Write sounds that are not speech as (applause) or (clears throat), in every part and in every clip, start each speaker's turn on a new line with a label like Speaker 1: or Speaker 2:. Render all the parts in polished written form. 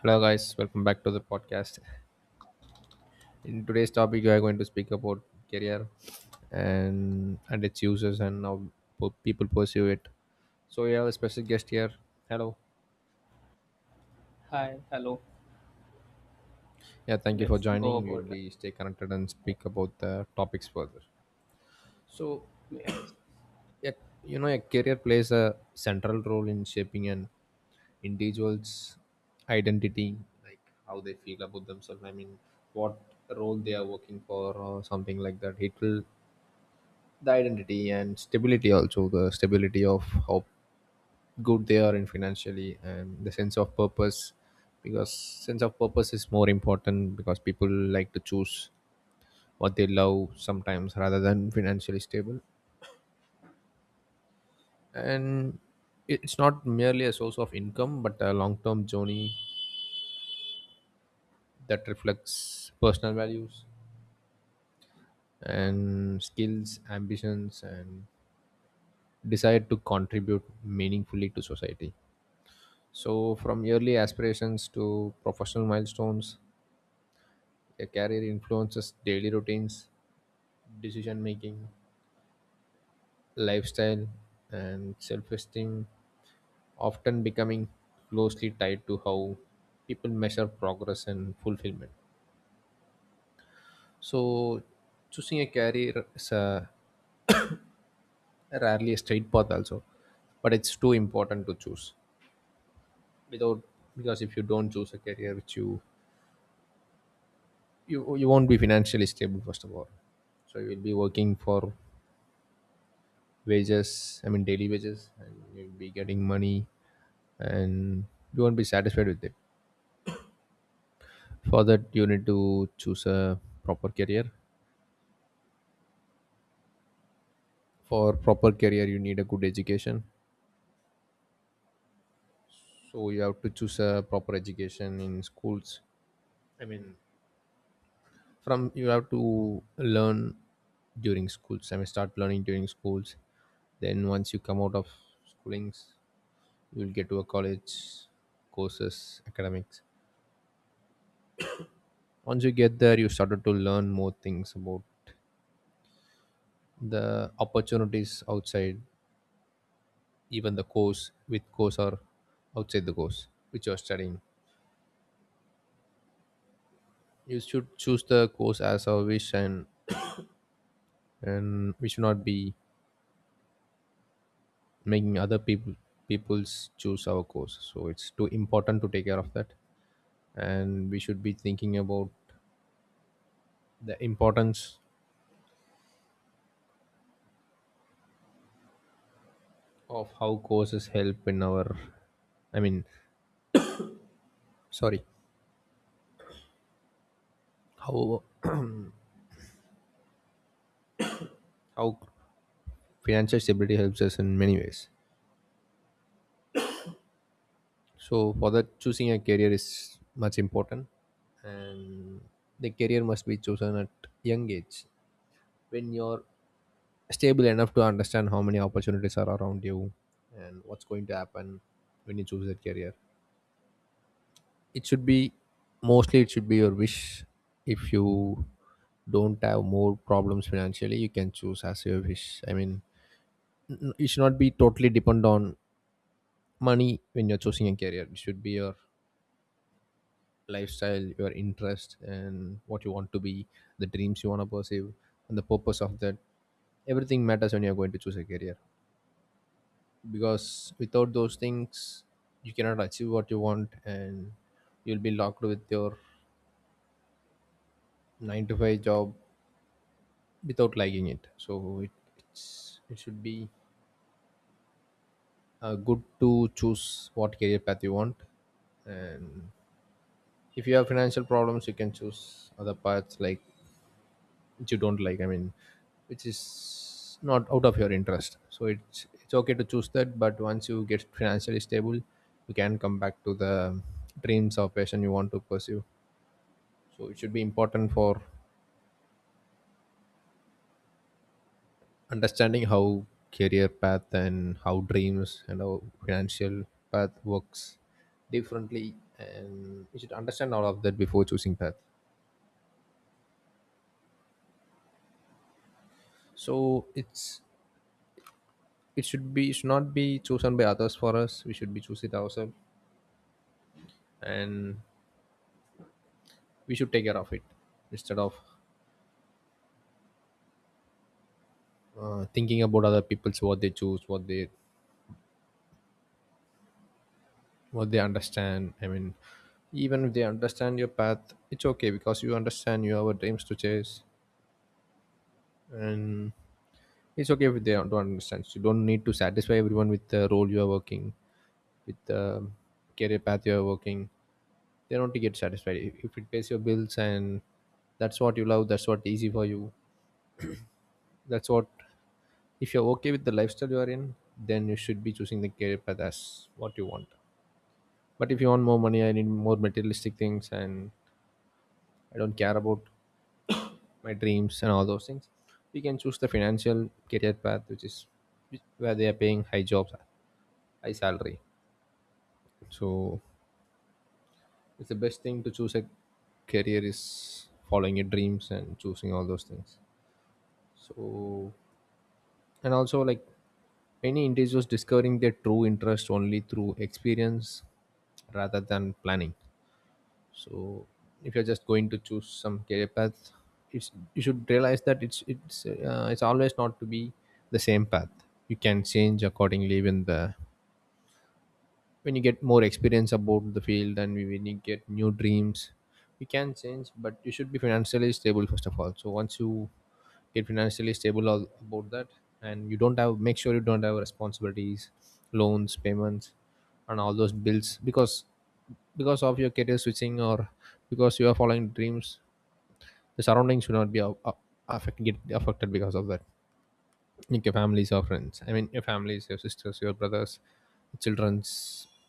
Speaker 1: Hello, guys. Welcome back to the podcast. In today's topic, we are going to speak about career and its uses and how people pursue it. So we have a special guest here. Hello.
Speaker 2: Hi, hello.
Speaker 1: Yeah, thank you for
Speaker 2: Let's go
Speaker 1: joining. We will
Speaker 2: about it.
Speaker 1: be stay connected and speak about the topics further. So, (coughs)
Speaker 2: Yes.
Speaker 1: (clears throat) yeah, you know, a career plays a central role in shaping an individual's identity, like how they feel about themselves. What role they are working for, or something like that. It will the identity and stability, also the stability of how good they are in financially, and the sense of purpose, because sense of purpose is more important because people like to choose what they love sometimes rather than financially stable. And it's not merely a source of income but a long-term journey that reflects personal values and skills, ambitions, and desire to contribute meaningfully to society. So, from yearly aspirations to professional milestones, a career influences daily routines, decision making, lifestyle, and self esteem, often becoming closely tied to how people measure progress and fulfillment. So, choosing a career is a, rarely a straight path, also, but it's too important to choose without. Because if you don't choose a career which you you won't be financially stable first of all, so you will be working for wages, I mean daily wages, and you'll be getting money and you won't be satisfied with it. For that you need to choose a proper career. For proper career you need a good education, so you have to choose a proper education in schools. I mean from you have to learn during schools. I mean start learning during schools, then once you come out of schoolings you'll get to a college, courses, academics. Once you get there you started to learn more things about the opportunities outside, even the course with course or outside the course which you're studying. You should choose the course as our wish, and we should not be making other people people's choose our course, so it's too important to take care of that. And we should be thinking about the importance of how courses help in our, I mean sorry, how (clears throat) how financial stability helps us in many ways. So for that choosing a career is much important. And the career must be chosen at young age, when you're stable enough to understand how many opportunities are around you and what's going to happen when you choose that career. It should be mostly it should be your wish. If you don't have more problems financially you can choose as your wish. You should not be totally dependent on money when you're choosing a career. It should be your lifestyle, your interest and what you want to be, the dreams you want to pursue and the purpose of that. Everything matters when you're going to choose a career, because without those things you cannot achieve what you want, and you'll be locked with your 9 to 5 job without liking it. So it it should be good to choose what career path you want. And if you have financial problems you can choose other paths like which you don't like, I mean which is not out of your interest. So it's okay to choose that, but once you get financially stable you can come back to the dreams or passion you want to pursue. So it should be important for understanding how career path and how dreams and how financial path works differently, and you should understand all of that before choosing path. So it should not be chosen by others for us. We should be choose it ourselves, and we should take care of it, instead of thinking about other people's what they choose, what they understand. I mean even if they understand your path it's okay, because you understand you have a dreams to chase. And it's okay if they don't understand. You don't need to satisfy everyone with the role you are working, with the career path you are working. They don't get satisfied if it pays your bills and that's what you love, that's what easy for you, that's what, if you're okay with the lifestyle you are in, then you should be choosing the career path as what you want. But if you want more money, I need more materialistic things, and I don't care about my dreams and all those things, we can choose the financial career path, which is where they are paying high jobs, high salary. So it's the best thing to choose a career is following your dreams and choosing all those things. So and also like many individuals discovering their true interest only through experience rather than planning. So if you're just going to choose some career path, it's you should realize that it's always not to be the same path. You can change accordingly when the when you get more experience about the field, and when you get new dreams you can change, but you should be financially stable first of all. So once you get financially stable all about that, and you don't have make sure you don't have responsibilities, loans, payments, and all those bills. Because of your career switching or because you are following dreams, the surroundings should not be affect, get affected because of that, like your families or friends. I mean your families, your sisters, your brothers, children's.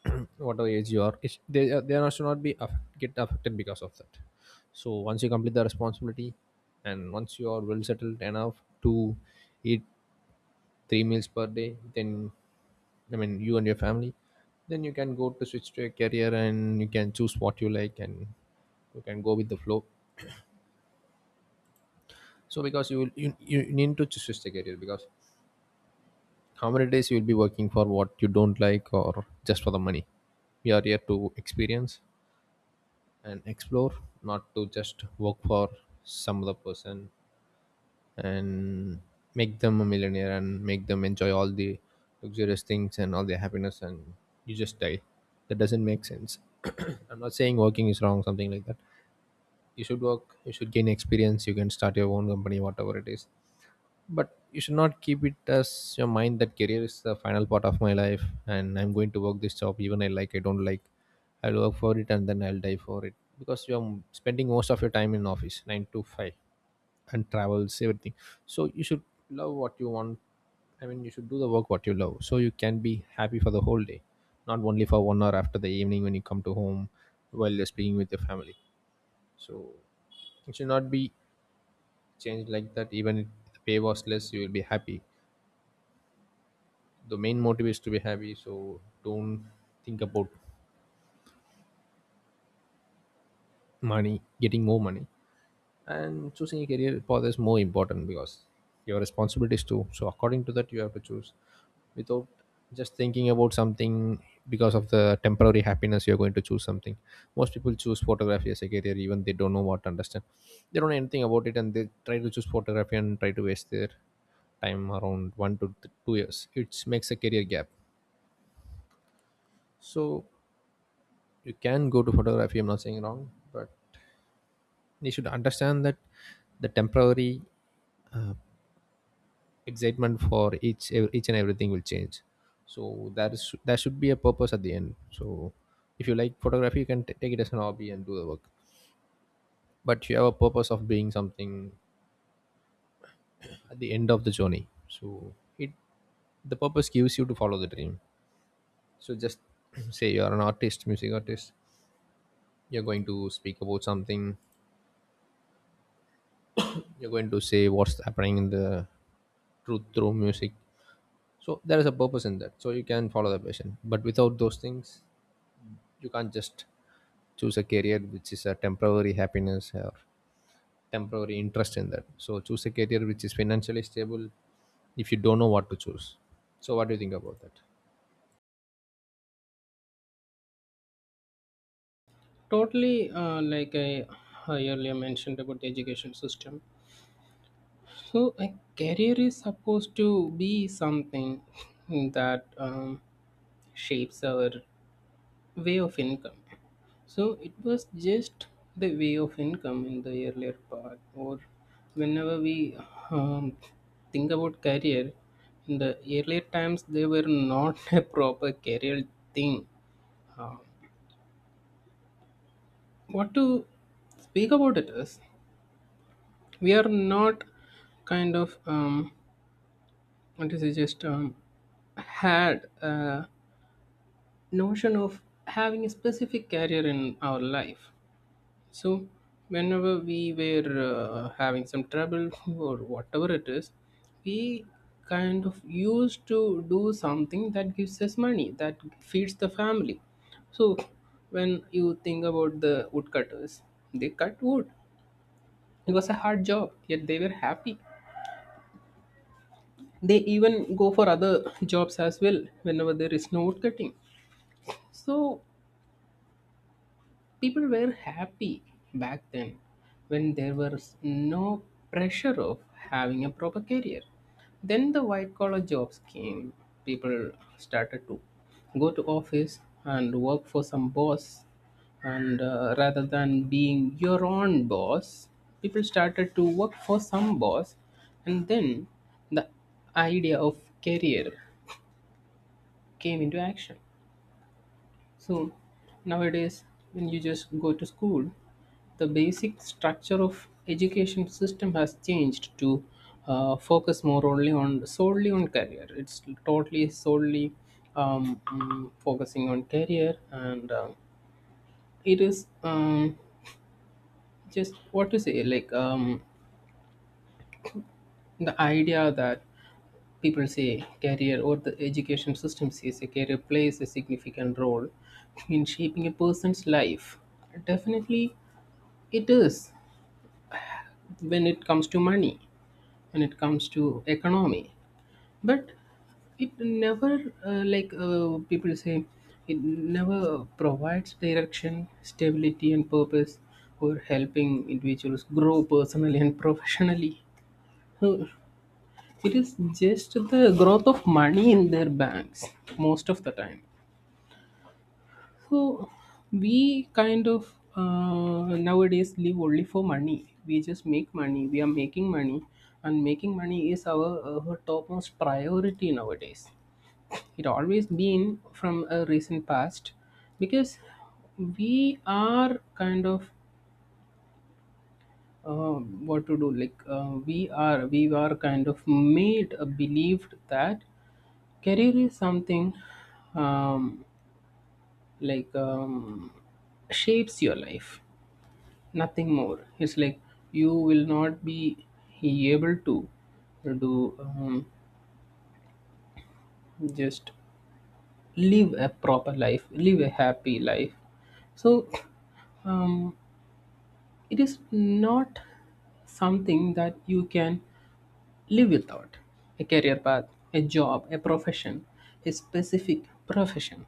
Speaker 1: (clears throat) Whatever age you are, they are should not be get affected because of that. So once you complete the responsibility, and once you are well settled enough to eat three meals per day, then I mean you and your family, then you can go to switch to a career and you can choose what you like, and you can go with the flow. So because you will you need to choose the career, because how many days you'll be working for what you don't like or just for the money. We are here to experience and explore, not to just work for some other person and make them a millionaire and make them enjoy all the luxurious things and all their happiness, and you just die. That doesn't make sense. (clears throat) I'm not saying working is wrong something like that. You should work, you should gain experience, you can start your own company, whatever it is. But you should not keep it as your mind that career is the final part of my life, and I'm going to work this job even I like I don't like, I'll work for it and then I'll die for it. Because you're spending most of your time in office 9 to 5 and travels everything. So you should love what you want. I mean you should do the work what you love, so you can be happy for the whole day, not only for 1 hour after the evening when you come to home, while you're speaking with your family. So it should not be changed like that. Even if the pay was less you will be happy. The main motive is to be happy. So don't think about money, getting more money. And choosing a career path is more important because your responsibilities too, so according to that you have to choose, without just thinking about something, because of the temporary happiness you're going to choose something. Most people choose photography as a career, even they don't know what to understand. They don't know anything about it and they try to choose photography and try to waste their time around one to 2 years. It makes a career gap. So you can go to photography, I'm not saying wrong, but you should understand that the temporary excitement for each and everything will change. So that is that should be a purpose at the end. So if you like photography you can take it as an hobby and do the work, but you have a purpose of doing something at the end of the journey. So it the purpose gives you to follow the dream. So just (clears throat) say you are an artist, music artist, you're going to speak about something, you're going to say what's happening in the truth through music. So there is a purpose in that, so you can follow the passion, but without those things you can't just choose a career which is a temporary happiness or temporary interest in that. So choose a career which is financially stable, if you don't know what to choose. So what do you think about that?
Speaker 2: Totally, like I earlier mentioned about the education system. So, a career is supposed to be something that shapes our way of income. So, it was just the way of income in the earlier part, or whenever we um, think about career, in the earlier times, they were not (laughs) a proper career thing. Um, what to speak about it is we are not kind of what is it just had a notion of having a specific career in our life. So whenever we were having some trouble (laughs) or whatever it is, we kind of used to do something that gives us money, that feeds the family. So when you think about the woodcutters, they cut wood. It was a hard job, yet they were happy. They even go for other (laughs) jobs as well whenever there is no woodcutting. So people were happy back then when there was no pressure of having a proper career. Then the white collar jobs came. People started to go to office and work for some boss, and rather than being your own boss, people started to work for some boss, and then the idea of career came into action. So nowadays, when you just go to school, the basic structure of education system has changed to focus more only on, solely on career. It's totally solely focusing on career, and it is just what to say, like, the idea that people say career, or the education system says a career plays a significant role in shaping a person's life. Definitely it is when it comes to money, when it comes to economy. But it never, like, people say, it never provides direction, stability and purpose, or helping individuals grow personally and (laughs) professionally. So it is just the growth of money in their banks most of the time. So we kind of, nowadays live only for money. We just make money. We are making money, and making money is our topmost priority nowadays. It always been from a recent past, because we are kind of uh, what to do. Like, we are, we are kind of made believed that career is something, um, like, shapes your life, nothing more. It's like you will not be able to do, just live a proper life, live a happy life. So um, it is not something that you can live without, a career path, a job, a profession, a specific profession.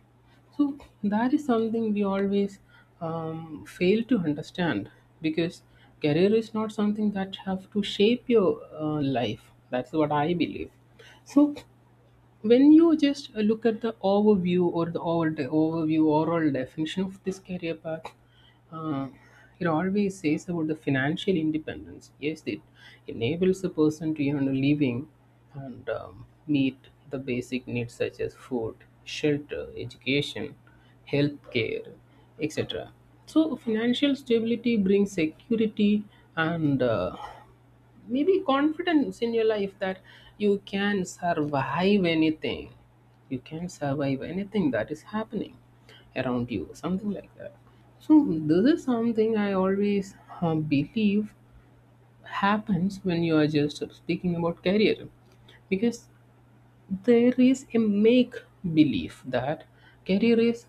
Speaker 2: So that is something we always fail to understand, because career is not something that have to shape your life. That's what I believe. So when you just look at the overview, or the overall overview, overall definition of this career path, uh, it always says about the financial independence. Yes, it enables a person to earn a living and meet the basic needs such as food, shelter, education, healthcare, care, etc. So financial stability brings security and, maybe confidence in your life, that you can survive anything. You can survive anything that is happening around you, something like that. So this is something I always believe happens when you are just speaking about career, because there is a make belief that career is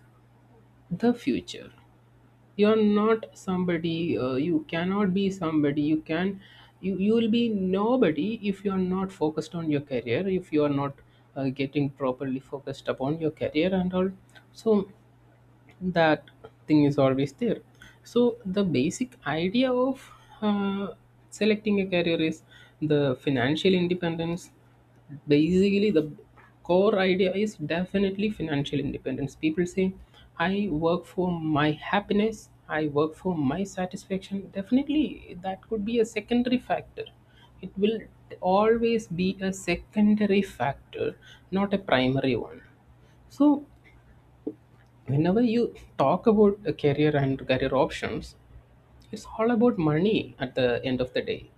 Speaker 2: the future. You're not somebody, you cannot be somebody, you can, you will be nobody if you are not focused on your career, if you are not getting properly focused upon your career and all. So that thing is always there. So the basic idea of uh, selecting a career is the financial independence. Basically, the core idea is definitely financial independence. People say I work for my happiness, I work for my satisfaction. Definitely that could be a secondary factor. It will always be a secondary factor, not a primary one. So whenever you talk about a career and career options, it's all about money at the end of the day.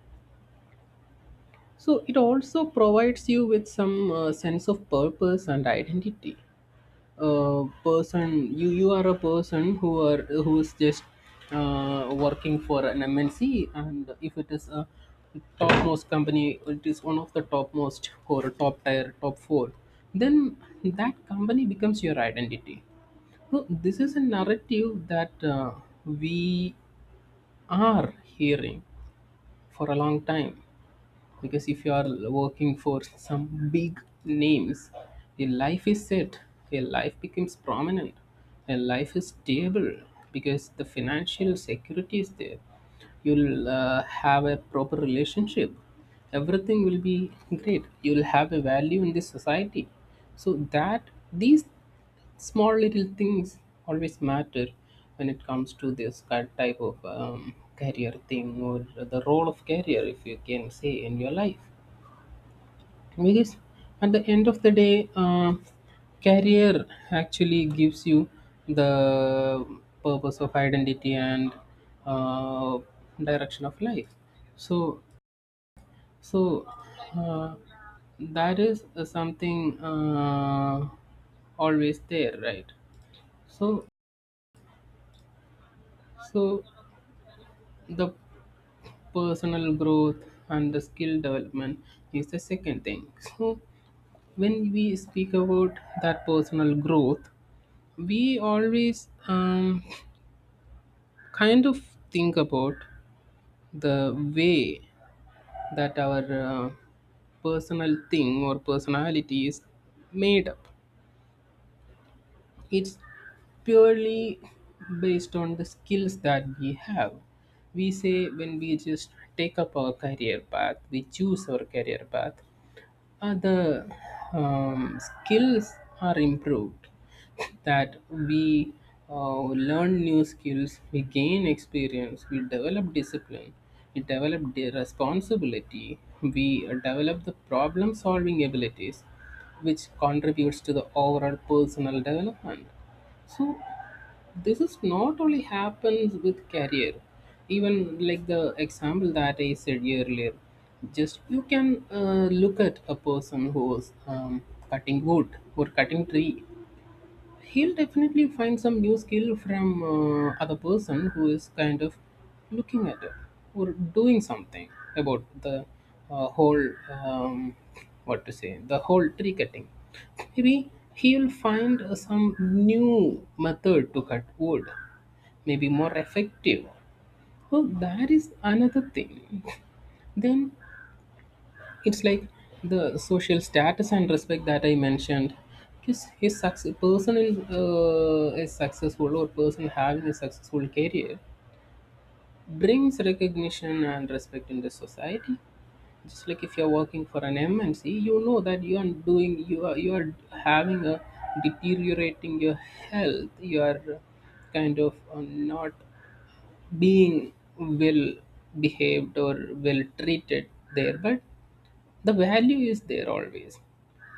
Speaker 2: So it also provides you with some sense of purpose and identity. A person, you are a person who are, who is just working for an MNC, and if it is a topmost company, it is one of the topmost or top tier, top four, then that company becomes your identity. No, this is a narrative that, we are hearing for a long time. Because if you are working for some big names, your life is set, your life becomes prominent, your life is stable because the financial security is there. You'll have a proper relationship, everything will be great, you'll have a value in this society. So, that, these small little things always matter when it comes to this type of career thing, or the role of career, if you can say, in your life. Because at the end of the day, career actually gives you the purpose of identity and uh, direction of life. So, so uh, that is something always there, right? So, so the personal growth and the skill development is the second thing. So when we speak about that personal growth, we always kind of think about the way that our personal thing or personality is made up. It's purely based on the skills that we have. We say when we just take up our career path, we choose our career path, the skills are improved, that we uh, learn new skills, we gain experience, we develop discipline, we develop the responsibility, we develop the problem solving abilities, which contributes to the overall personal development. So this is not only happens with career. Even like the example that I said earlier, just you can look at a person who is cutting wood or cutting tree. He'll definitely find some new skill from other person who is kind of looking at it, or doing something about the whole, um, what to say, the whole tree cutting. Maybe he'll find some new method to cut wood, may be more effective. Well, that is another thing. Then it's like the social status and respect that I mentioned. Is his success person, in, is successful or person having a successful career brings recognition and respect in the society. Just like if you're working for an MNC, you know that you are doing, you are having a deteriorating your health, you are kind of not being well behaved or well treated there, but the value is there always,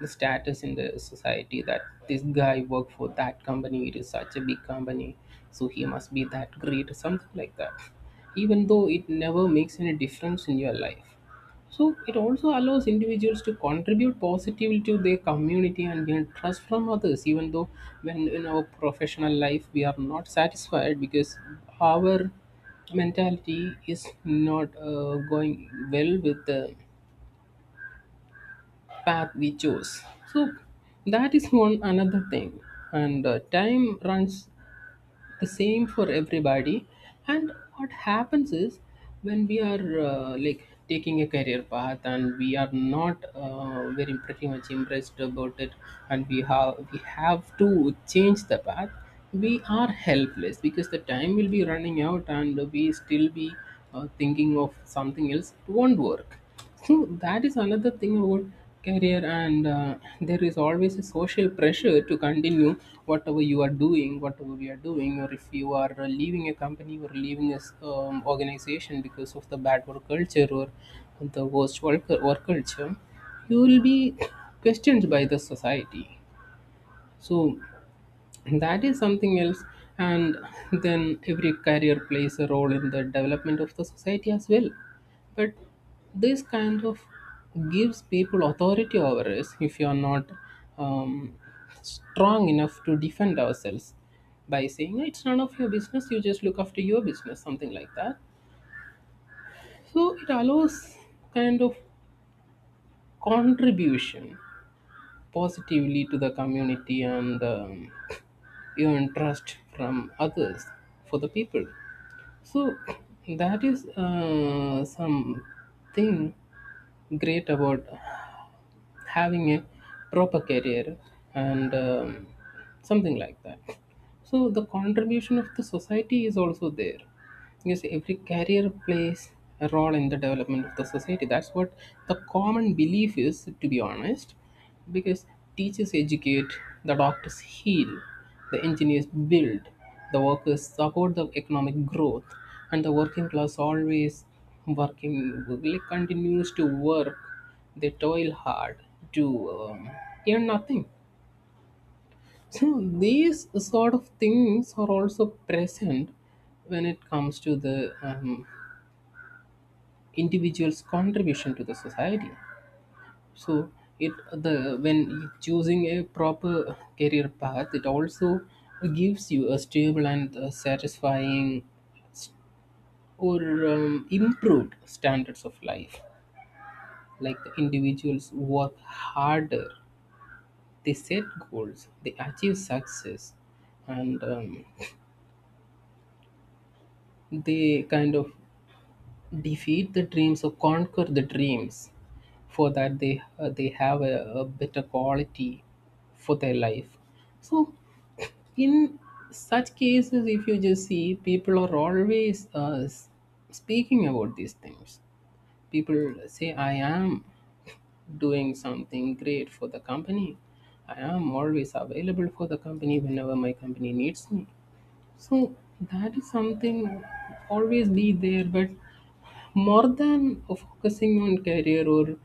Speaker 2: the status in the society, that this guy worked for that company, it is such a big company, so he must be that great, something like that, even though it never makes any difference in your life. So it also allows individuals to contribute positively to their community and gain trust from others, even though when in our professional life we are not satisfied because our mentality is not going well with the path we chose. So that is one another thing. And time runs the same for everybody. And what happens is when we are like taking a career path and we are not very pretty much impressed about it, and we have to change the path. We are helpless because the time will be running out, and we still be thinking of something else. It won't work. So that is another thing about career. And there is always a social pressure to continue whatever you are doing, whatever we are doing, or if you are leaving a company or leaving a organization because of the bad work culture or the worst work culture, you will be questioned by the society. So that is something else. And then every career plays a role in the development of the society as well, but this kind of gives people authority over us, if you are not um, strong enough to defend ourselves by saying it's none of your business, you just look after your business, something like that. So it allows kind of contribution positively to the community and your interest from others, for the people. So that is something great about having a proper career and something like that. So the contribution of the society is also there. Yes, every career plays a role in the development of the society, that's what the common belief is, to be honest. Because teachers educate, the doctors heal, the engineers build, the workers support the economic growth, and the working class always working, like continues to work, they toil hard to um, earn nothing. So these sort of things are also present when it comes to the individual's contribution to the society. So it, the, when choosing a proper career path, it also gives you a stable and satisfying or improved standards of life. Like the individuals work harder, they set goals, they achieve success, and they kind of defeat the dreams or conquer the dreams, for that they, they have a better quality for their life. So in such cases, if you just see, people are always speaking about these things. People say I am doing something great for the company, I am always available for the company whenever my company needs me. So that is something always be there. But more than focusing on career or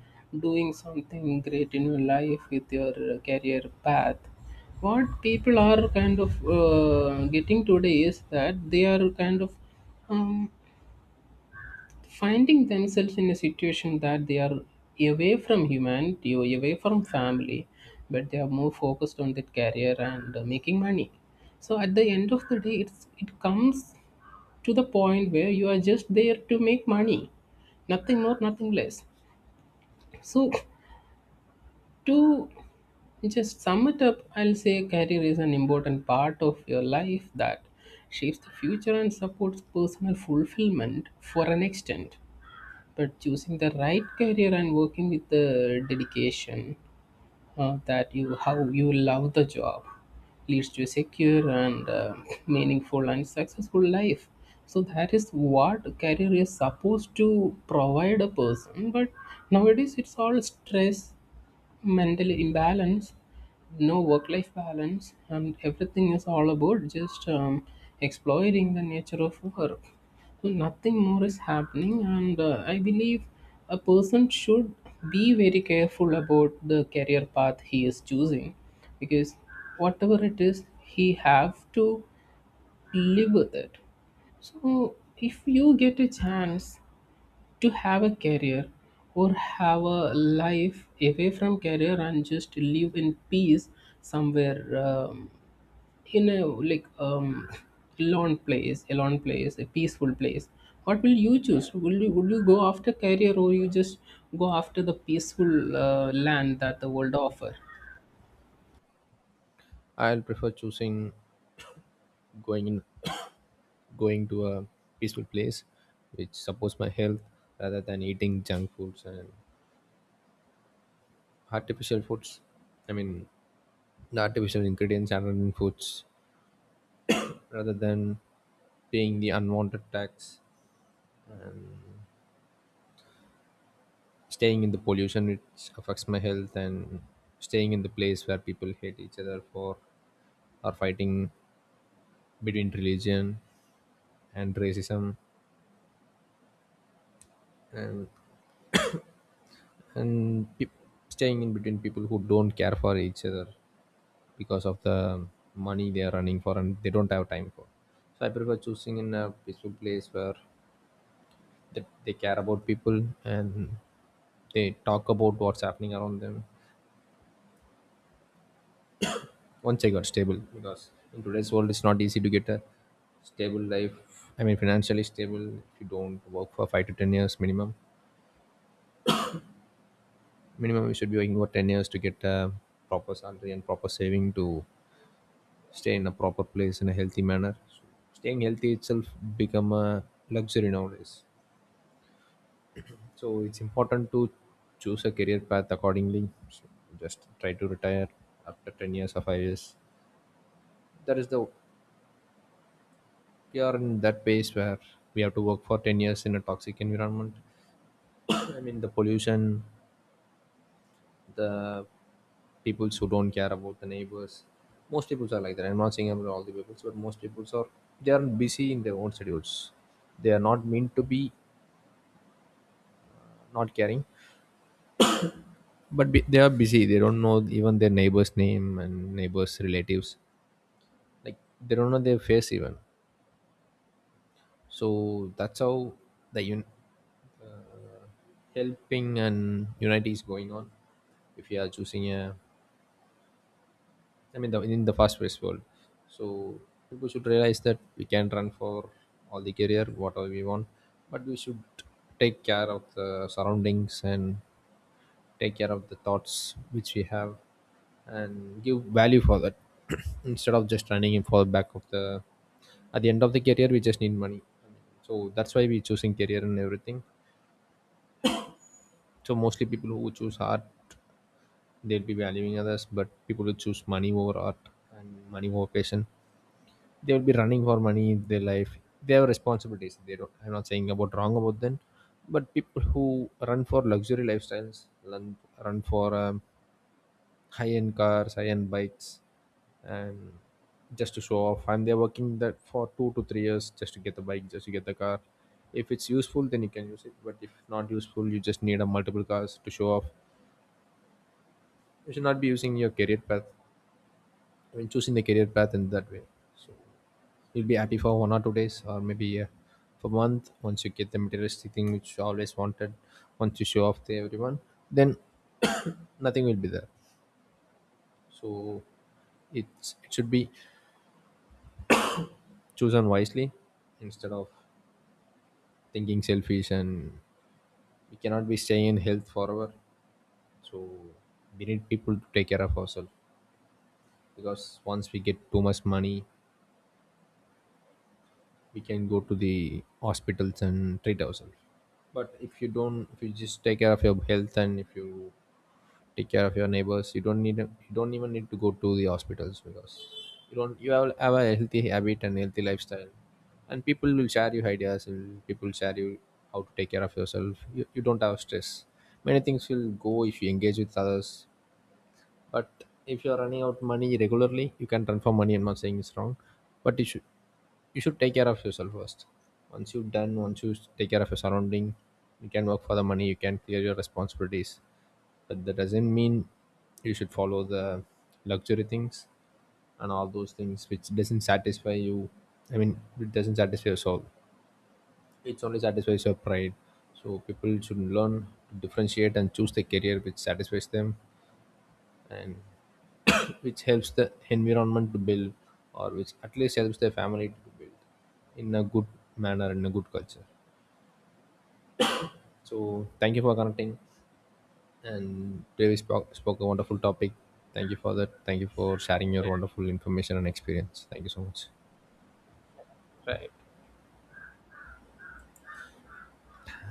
Speaker 2: doing something great in your life with your career path, what people are kind of getting today is that they are kind of um, finding themselves in a situation that they are away from humanity or away from family, but they are more focused on their career and making money. So at the end of the day, it's, it comes to the point where you are just there to make money, nothing more, nothing less. So to just sum it up, I'll say career is an important part of your life that shapes the future and supports personal fulfillment for an extent, but choosing the right career and working with the dedication, that you, how you love the job, leads to a secure and (laughs) meaningful and successful life. So that is what career is supposed to provide a person, but nowadays it's all stress, mental imbalance, no work life balance, and everything is all about just exploiting the nature of work. So nothing more is happening, and I believe a person should be very careful about the career path he is choosing, because whatever it is, he have to live with it. So if you get a chance to have a career or have a life away from career and just live in peace somewhere, um, in a like, lone place, a peaceful place. What will you choose? Will you go after career, or you just go after the peaceful land that the world offer?
Speaker 1: I'll prefer choosing going in (coughs) going to a peaceful place which supports my health, rather than eating junk foods and artificial foods. I mean the artificial ingredients added in foods, rather than paying the unwanted tax, staying in the pollution which affects my health, and staying in the place where people hate each other for or fighting between religion and racism, and and peop staying in between people who don't care for each other because of the money they are running for, and they don't have time for. So I prefer choosing in a peaceful place where that they care about people, and they talk about what's happening around them once I got stable. Because in today's world it's not easy to get a stable life, I mean financially stable, if you don't work for 5 to 10 years minimum. You should be working for 10 years to get a proper salary and proper saving to stay in a proper place in a healthy manner. So staying healthy itself become a luxury nowadays. So it's important to choose a career path accordingly. So just try to retire after 10 years or 5 years. That is the We are in that phase where we have to work for 10 years in a toxic environment. I mean, the pollution, the people who don't care about the neighbors. Most people are like that. I'm not saying about all the people, but most people are they are busy in their own schedules. They are not meant to be not caring, but they are busy. They don't know even their neighbor's name and neighbors' relatives, like they don't know their face even. So that's how the uh, helping and unity is going on if you are choosing a I mean in the fast paced world. So people should realize that we can run for all the career whatever we want, but we should take care of the surroundings and take care of the thoughts which we have and give value for that, (clears throat) instead of just running in for the back of the, at the end of the career we just need money. So that's why we choosing career and everything. So mostly people who choose art, they'll be valuing others, but people who choose money over art and money over passion, they will be running for money in their life. They have responsibilities. They don't. I'm not saying about wrong about them, but people who run for luxury lifestyles run for high-end cars, high-end bikes, and just to show off. And they're working that for 2 to 3 years just to get the bike, just to get the car. If it's useful, then you can use it. But if not useful, you just need a multiple cars to show off. You should not be using your career path. I mean, choosing the career path in that way. So you'll be happy for 1 or 2 days, or maybe for a month. Once you get the materialistic thing which you always wanted, once you show off to everyone, then (coughs) nothing will be there. So it should be chosen wisely, instead of thinking selfish, and we cannot be staying in health forever. So we need people to take care of ourselves, because once we get too much money we can go to the hospitals and treat ourselves. But if you don't, if you just take care of your health, and if you take care of your neighbors, you don't even need to go to the hospitals, because you don't, you have a healthy habit and healthy lifestyle. And people will share you ideas, and people share you how to take care of yourself. You don't have stress. Many things will go if you engage with others. But if you're running out money regularly, you can transfer money. I'm not saying it's wrong, but you should take care of yourself first. Once you've done, once you take care of your surrounding, you can work for the money, you can clear your responsibilities. But that doesn't mean you should follow the luxury things and all those things which doesn't satisfy you. I mean, it doesn't satisfy your soul, it's only satisfies your pride. So people should learn to differentiate and choose the career which satisfies them, and which helps the environment to build, or which at least helps their family to build in a good manner, in a good culture. So thank you for connecting. And today we spoke a wonderful topic. Thank you for that. Thank you for sharing your wonderful information and experience. Thank you so much.